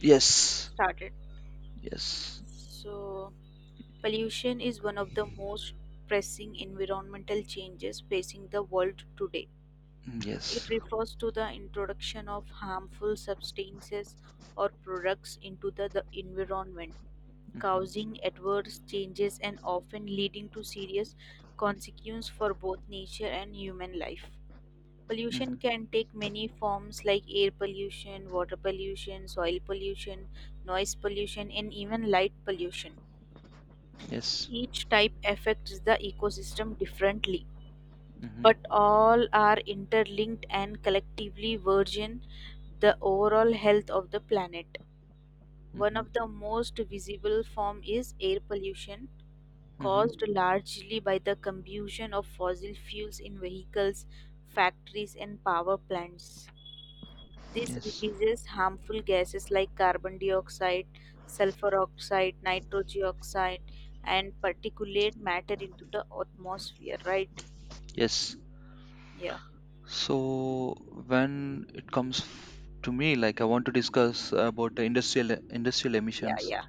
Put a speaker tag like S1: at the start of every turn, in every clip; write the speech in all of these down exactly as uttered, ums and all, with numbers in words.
S1: Yes.
S2: Started.
S1: Yes.
S2: So, pollution is one of the most pressing environmental changes facing the world today.
S1: Mm,
S2: It
S1: yes.
S2: refers to the introduction of harmful substances or products into the, the environment,
S1: Mhm.
S2: causing adverse changes and often leading to serious consequences for both nature and human life. Pollution
S1: Mhm.
S2: can take many forms like air pollution, water pollution, soil pollution, noise pollution, and even light pollution.
S1: Yes.
S2: Each type affects the ecosystem differently,
S1: Mhm.
S2: but all are interlinked and collectively burden the overall health of the planet. One
S1: Mhm.
S2: of the most visible form is air pollution
S1: Mhm.
S2: caused largely by the combustion of fossil fuels in vehicles, factories and power plants. This
S1: Yes.
S2: releases harmful gases like carbon dioxide, sulfur oxide, nitrogen oxide, and particulate matter into the atmosphere, right?
S1: Yes.
S2: Yeah,
S1: So when it comes f- to me, like I want to discuss about the industrial industrial
S2: yeah,
S1: emissions.
S2: yeah,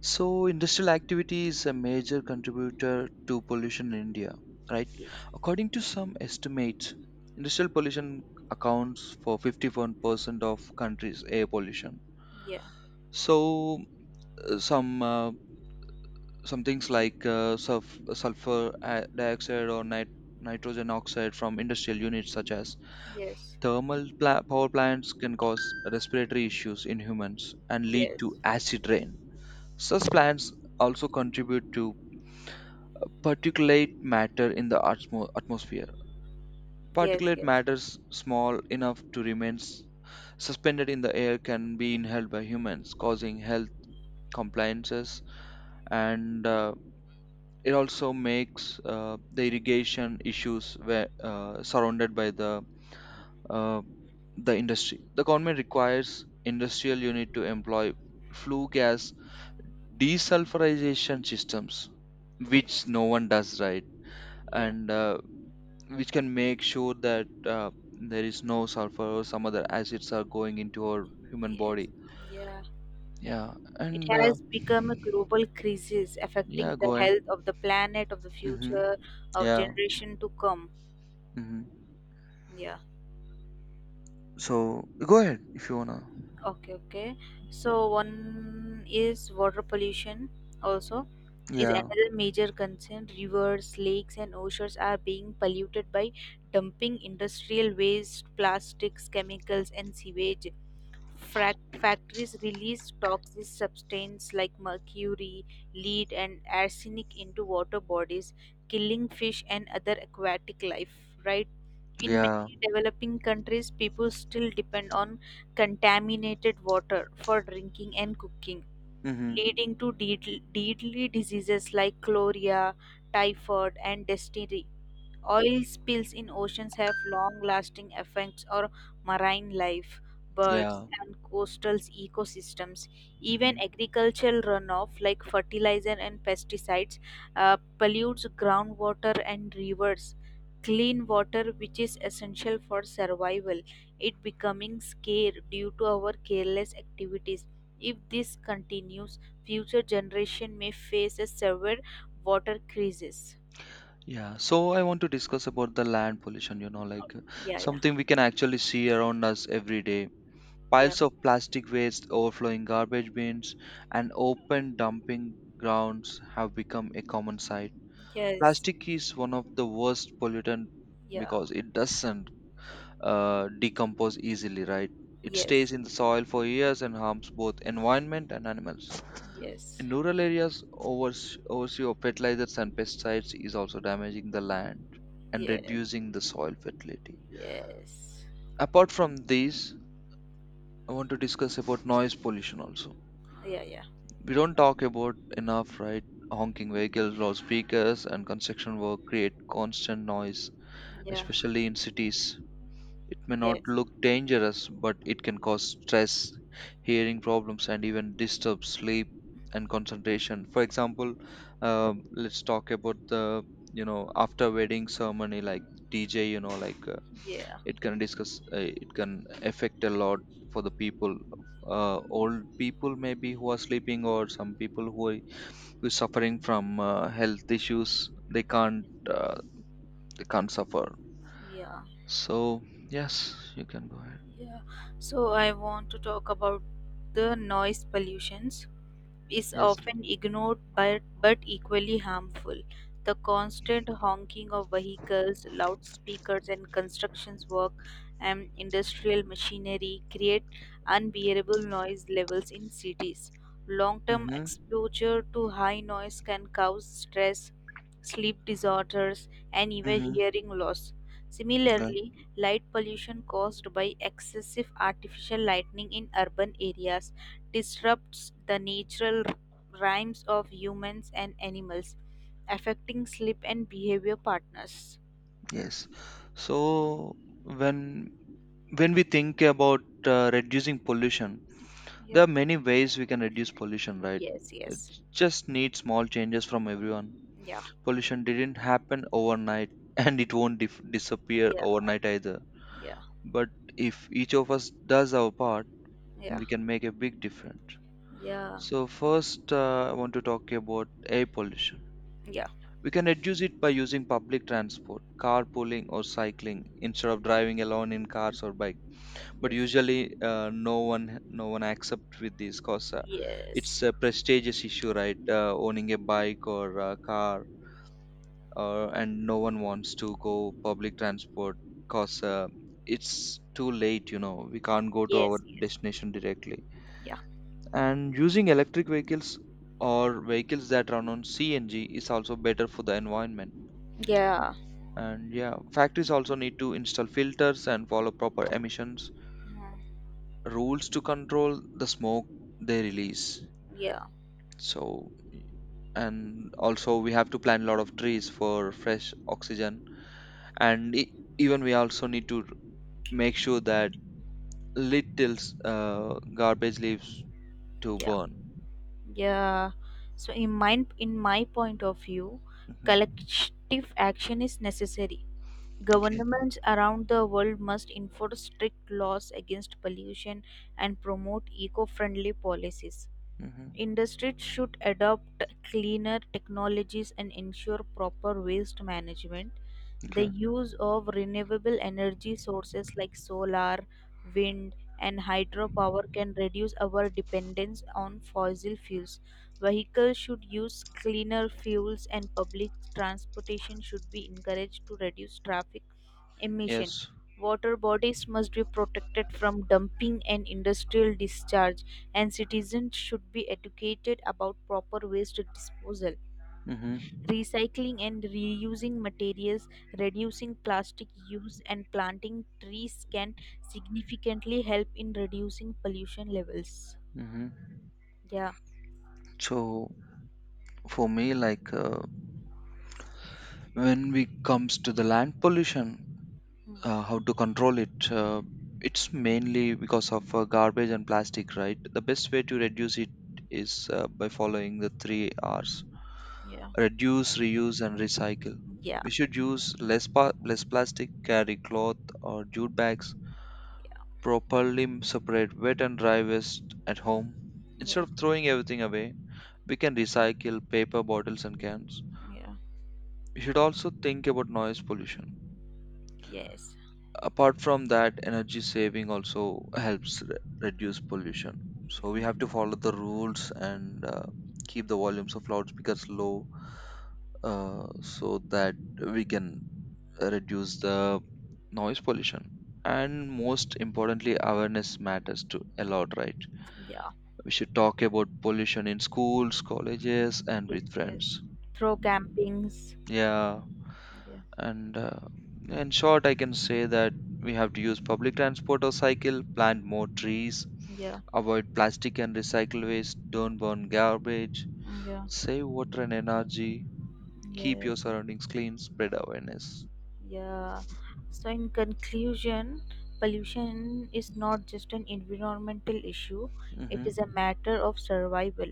S1: So industrial activity is a major contributor to pollution in India, right?
S2: yeah,
S1: According to some estimates, industrial pollution accounts for fifty-one percent of country's air pollution.
S2: yeah,
S1: So uh, some uh, some things like uh, sulf- sulfur uh, dioxide or nit- nitrogen oxide from industrial units such as
S2: yes,
S1: thermal pla- power plants can cause respiratory issues in humans and lead
S2: yes,
S1: to acid rain. Such plants also contribute to particulate matter in the atmo- atmosphere.
S2: yes,
S1: Particulate
S2: yes,
S1: matter s- small enough to remain s- suspended in the air can be inhaled by humans causing health compliances. And uh, it also makes uh, the irrigation issues where, uh, surrounded by the uh, the industry. The government requires industrial unit to employ flue gas desulfurization systems, which no one does right,
S2: yeah,
S1: and uh, which can make sure that uh, there is no sulfur or some other acids are going into our human
S2: yes,
S1: body.
S2: yeah.
S1: Yeah,
S2: It
S1: and uh,
S2: has become a global crisis affecting
S1: yeah,
S2: the
S1: go ahead.
S2: health of the planet, of the
S1: Hmm.
S2: future, of
S1: Yeah.
S2: generation to come.
S1: Hmm.
S2: Yeah.
S1: So go ahead if you wanna.
S2: Okay, okay. So one is water pollution also is
S1: Yeah,
S2: another major concern. Rivers, lakes and oceans are being polluted by dumping industrial waste, plastics, chemicals and sewage. Frac- factories release toxic substances like mercury, lead and arsenic into water bodies, killing fish and other aquatic life, right? In
S1: yeah,
S2: many developing countries, people still depend on contaminated water for drinking and cooking,
S1: mm-hmm,
S2: leading to deadly, deadly diseases like cholera, typhoid, and dysentery. Oil spills in oceans have long lasting effects on marine life, birds,
S1: yeah,
S2: and coastal ecosystems. Even
S1: mm-hmm,
S2: agricultural runoff, like fertilizer and pesticides, uh, pollutes groundwater and rivers. Clean water, which is essential for survival, it becoming scarce due to our careless activities. If this continues, future generation may face a severe water crisis.
S1: yeah. So I want to discuss about the land pollution, you know, like uh,
S2: Yeah, yeah,
S1: something we can actually see around us every day.
S2: yeah.
S1: Piles of plastic waste, overflowing garbage bins, and open dumping grounds have become a common sight.
S2: Yes.
S1: Plastic is one of the worst pollutant
S2: Yeah.
S1: because it doesn't uh, decompose easily, right? It
S2: Yes.
S1: stays in the soil for years and harms both environment and animals.
S2: Yes.
S1: In rural areas, overs- overuse of fertilizers and pesticides is also damaging the land and
S2: Yes.
S1: reducing the soil fertility.
S2: Yes.
S1: Apart from these, I want to discuss about noise pollution also.
S2: Yeah. Yeah.
S1: We don't talk about enough, right? Honking vehicles, loudspeakers, and construction work create constant noise,
S2: Yeah.
S1: especially in cities. It may not
S2: Yes.
S1: look dangerous, but it can cause stress, hearing problems, and even disturb sleep and concentration. For example, um, let's talk about the you know after wedding ceremony like D J. You know, like uh,
S2: Yeah.
S1: it can discuss, uh, it can affect a lot for the people, uh, old people maybe who are sleeping, or some people who are who is suffering from uh, health issues. They can't uh, they can't suffer.
S2: Yeah.
S1: So yes, you can go ahead.
S2: Yeah. So I want to talk about the noise pollutions is
S1: Yes.
S2: often ignored but, but equally harmful. The constant honking of vehicles, loudspeakers, and constructions work and industrial machinery create unbearable noise levels in cities. Long term
S1: Mhm,
S2: exposure to high noise can cause stress, sleep disorders, and even
S1: mhm,
S2: hearing loss.
S1: right,
S2: Similarly, light pollution caused by excessive artificial lighting in urban areas disrupts the natural rhymes of humans and animals, affecting sleep and behavior partners.
S1: yes. So when when we think about uh, reducing pollution,
S2: Yeah.
S1: there are many ways we can reduce pollution, right?
S2: Yes,
S1: It
S2: yes.
S1: just needs small changes from everyone.
S2: Yeah,
S1: Pollution didn't happen overnight, and it won't dif disappear
S2: yeah,
S1: overnight either.
S2: yeah,
S1: But if each of us does our part,
S2: yeah,
S1: we can make a big difference.
S2: yeah,
S1: So first, uh, I want to talk about air pollution.
S2: yeah.
S1: We can reduce it by using public transport, carpooling, or cycling instead of driving alone in cars or bike. But
S2: Yes.
S1: usually, uh, no one no one accept with this cause uh, it's
S2: Yes.
S1: a prestigious issue, right? Uh, owning a bike or a car, uh, and no one wants to go public transport cause uh, it's too late. You know, we can't go to our
S2: Yes. Yes.
S1: destination directly.
S2: Yeah.
S1: And using electric vehicles or vehicles that run on C N G is also better for the environment.
S2: Yeah.
S1: And yeah, factories also need to install filters and follow proper emissions rules to control the smoke they release.
S2: Yeah.
S1: So, and also we have to plant a lot of trees for fresh oxygen. And e- even we also need to make sure that little uh, garbage leaves to
S2: Yeah.
S1: burn.
S2: Yeah. So in my in my point of view,
S1: Hmm.
S2: collective action is necessary.
S1: Okay.
S2: Governments around the world must enforce strict laws against pollution and promote eco friendly policies.
S1: Hmm.
S2: Industries should adopt cleaner technologies and ensure proper waste management. The
S1: Okay.
S2: use of renewable energy sources like solar, wind, and hydropower can reduce our dependence on fossil fuels. Vehicles should use cleaner fuels, and public transportation should be encouraged to reduce traffic emission.
S1: Yes.
S2: Water bodies must be protected from dumping and industrial discharge and citizens should be educated about proper waste disposal,
S1: Mm-hmm.
S2: recycling and reusing materials, reducing plastic use, and planting trees can significantly help in reducing pollution levels.
S1: Mm-hmm.
S2: Yeah.
S1: So for me, like uh, when we comes to the land pollution,
S2: Hmm.
S1: uh, how to control it, uh, it's mainly because of uh, garbage and plastic, right? The best way to reduce it is uh, by following the three r's:
S2: Yeah.
S1: reduce, reuse and recycle.
S2: Yeah.
S1: We should use less pa- less plastic, carry cloth or jute bags, properly separate wet and dry waste at home instead
S2: Yeah.
S1: of throwing everything away. We can recycle paper bottles and cans.
S2: Yeah.
S1: We should also think about noise pollution.
S2: Yes.
S1: Apart from that, energy saving also helps re- reduce pollution. So we have to follow the rules and uh, keep the volumes of loudspeakers low, uh, so that we can reduce the noise pollution. And most importantly, awareness matters to a lot, right?
S2: Yeah.
S1: We should talk about pollution in schools, colleges and
S2: Yes.
S1: with
S2: Yes.
S1: friends.
S2: Throw campings.
S1: Yeah,
S2: Yeah.
S1: and uh, in short, I can say that we have to use public transport or cycle, plant more trees,
S2: Yeah.
S1: avoid plastic and recycle waste, don't burn garbage,
S2: Yeah.
S1: save water and energy, keep
S2: Yeah.
S1: your surroundings clean, spread awareness.
S2: Yeah. So, in conclusion, pollution is not just an environmental issue, it
S1: Mm-hmm.
S2: is a matter of survival.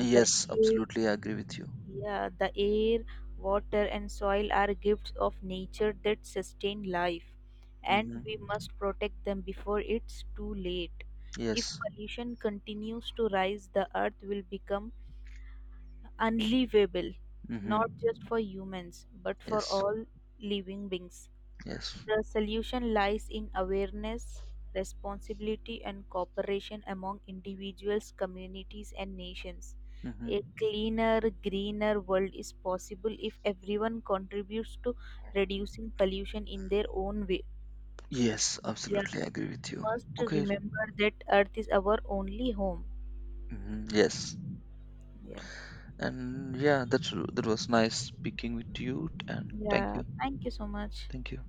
S2: The air,
S1: absolutely, I agree with you.
S2: yeah, the air, water, and soil are gifts of nature that sustain life, and
S1: Mm-hmm.
S2: we must protect them before it's too late. If
S1: Yes.
S2: pollution continues to rise, the earth will become unlivable,
S1: Mm-hmm.
S2: not just for humans, but for
S1: Yes.
S2: all living beings.
S1: Yes.
S2: The solution lies in awareness, responsibility, and cooperation among individuals, communities, and nations.
S1: Mm-hmm.
S2: A cleaner, greener world is possible if everyone contributes to reducing pollution in their own way.
S1: Yes,
S2: Yeah,
S1: absolutely, I agree with
S2: we
S1: you.
S2: must
S1: Okay.
S2: remember that Earth is our only home.
S1: Mm-hmm. Yes.
S2: Yeah,
S1: And yeah, that's that was nice speaking with you. And thank
S2: yeah,
S1: you,
S2: thank you so much.
S1: thank you.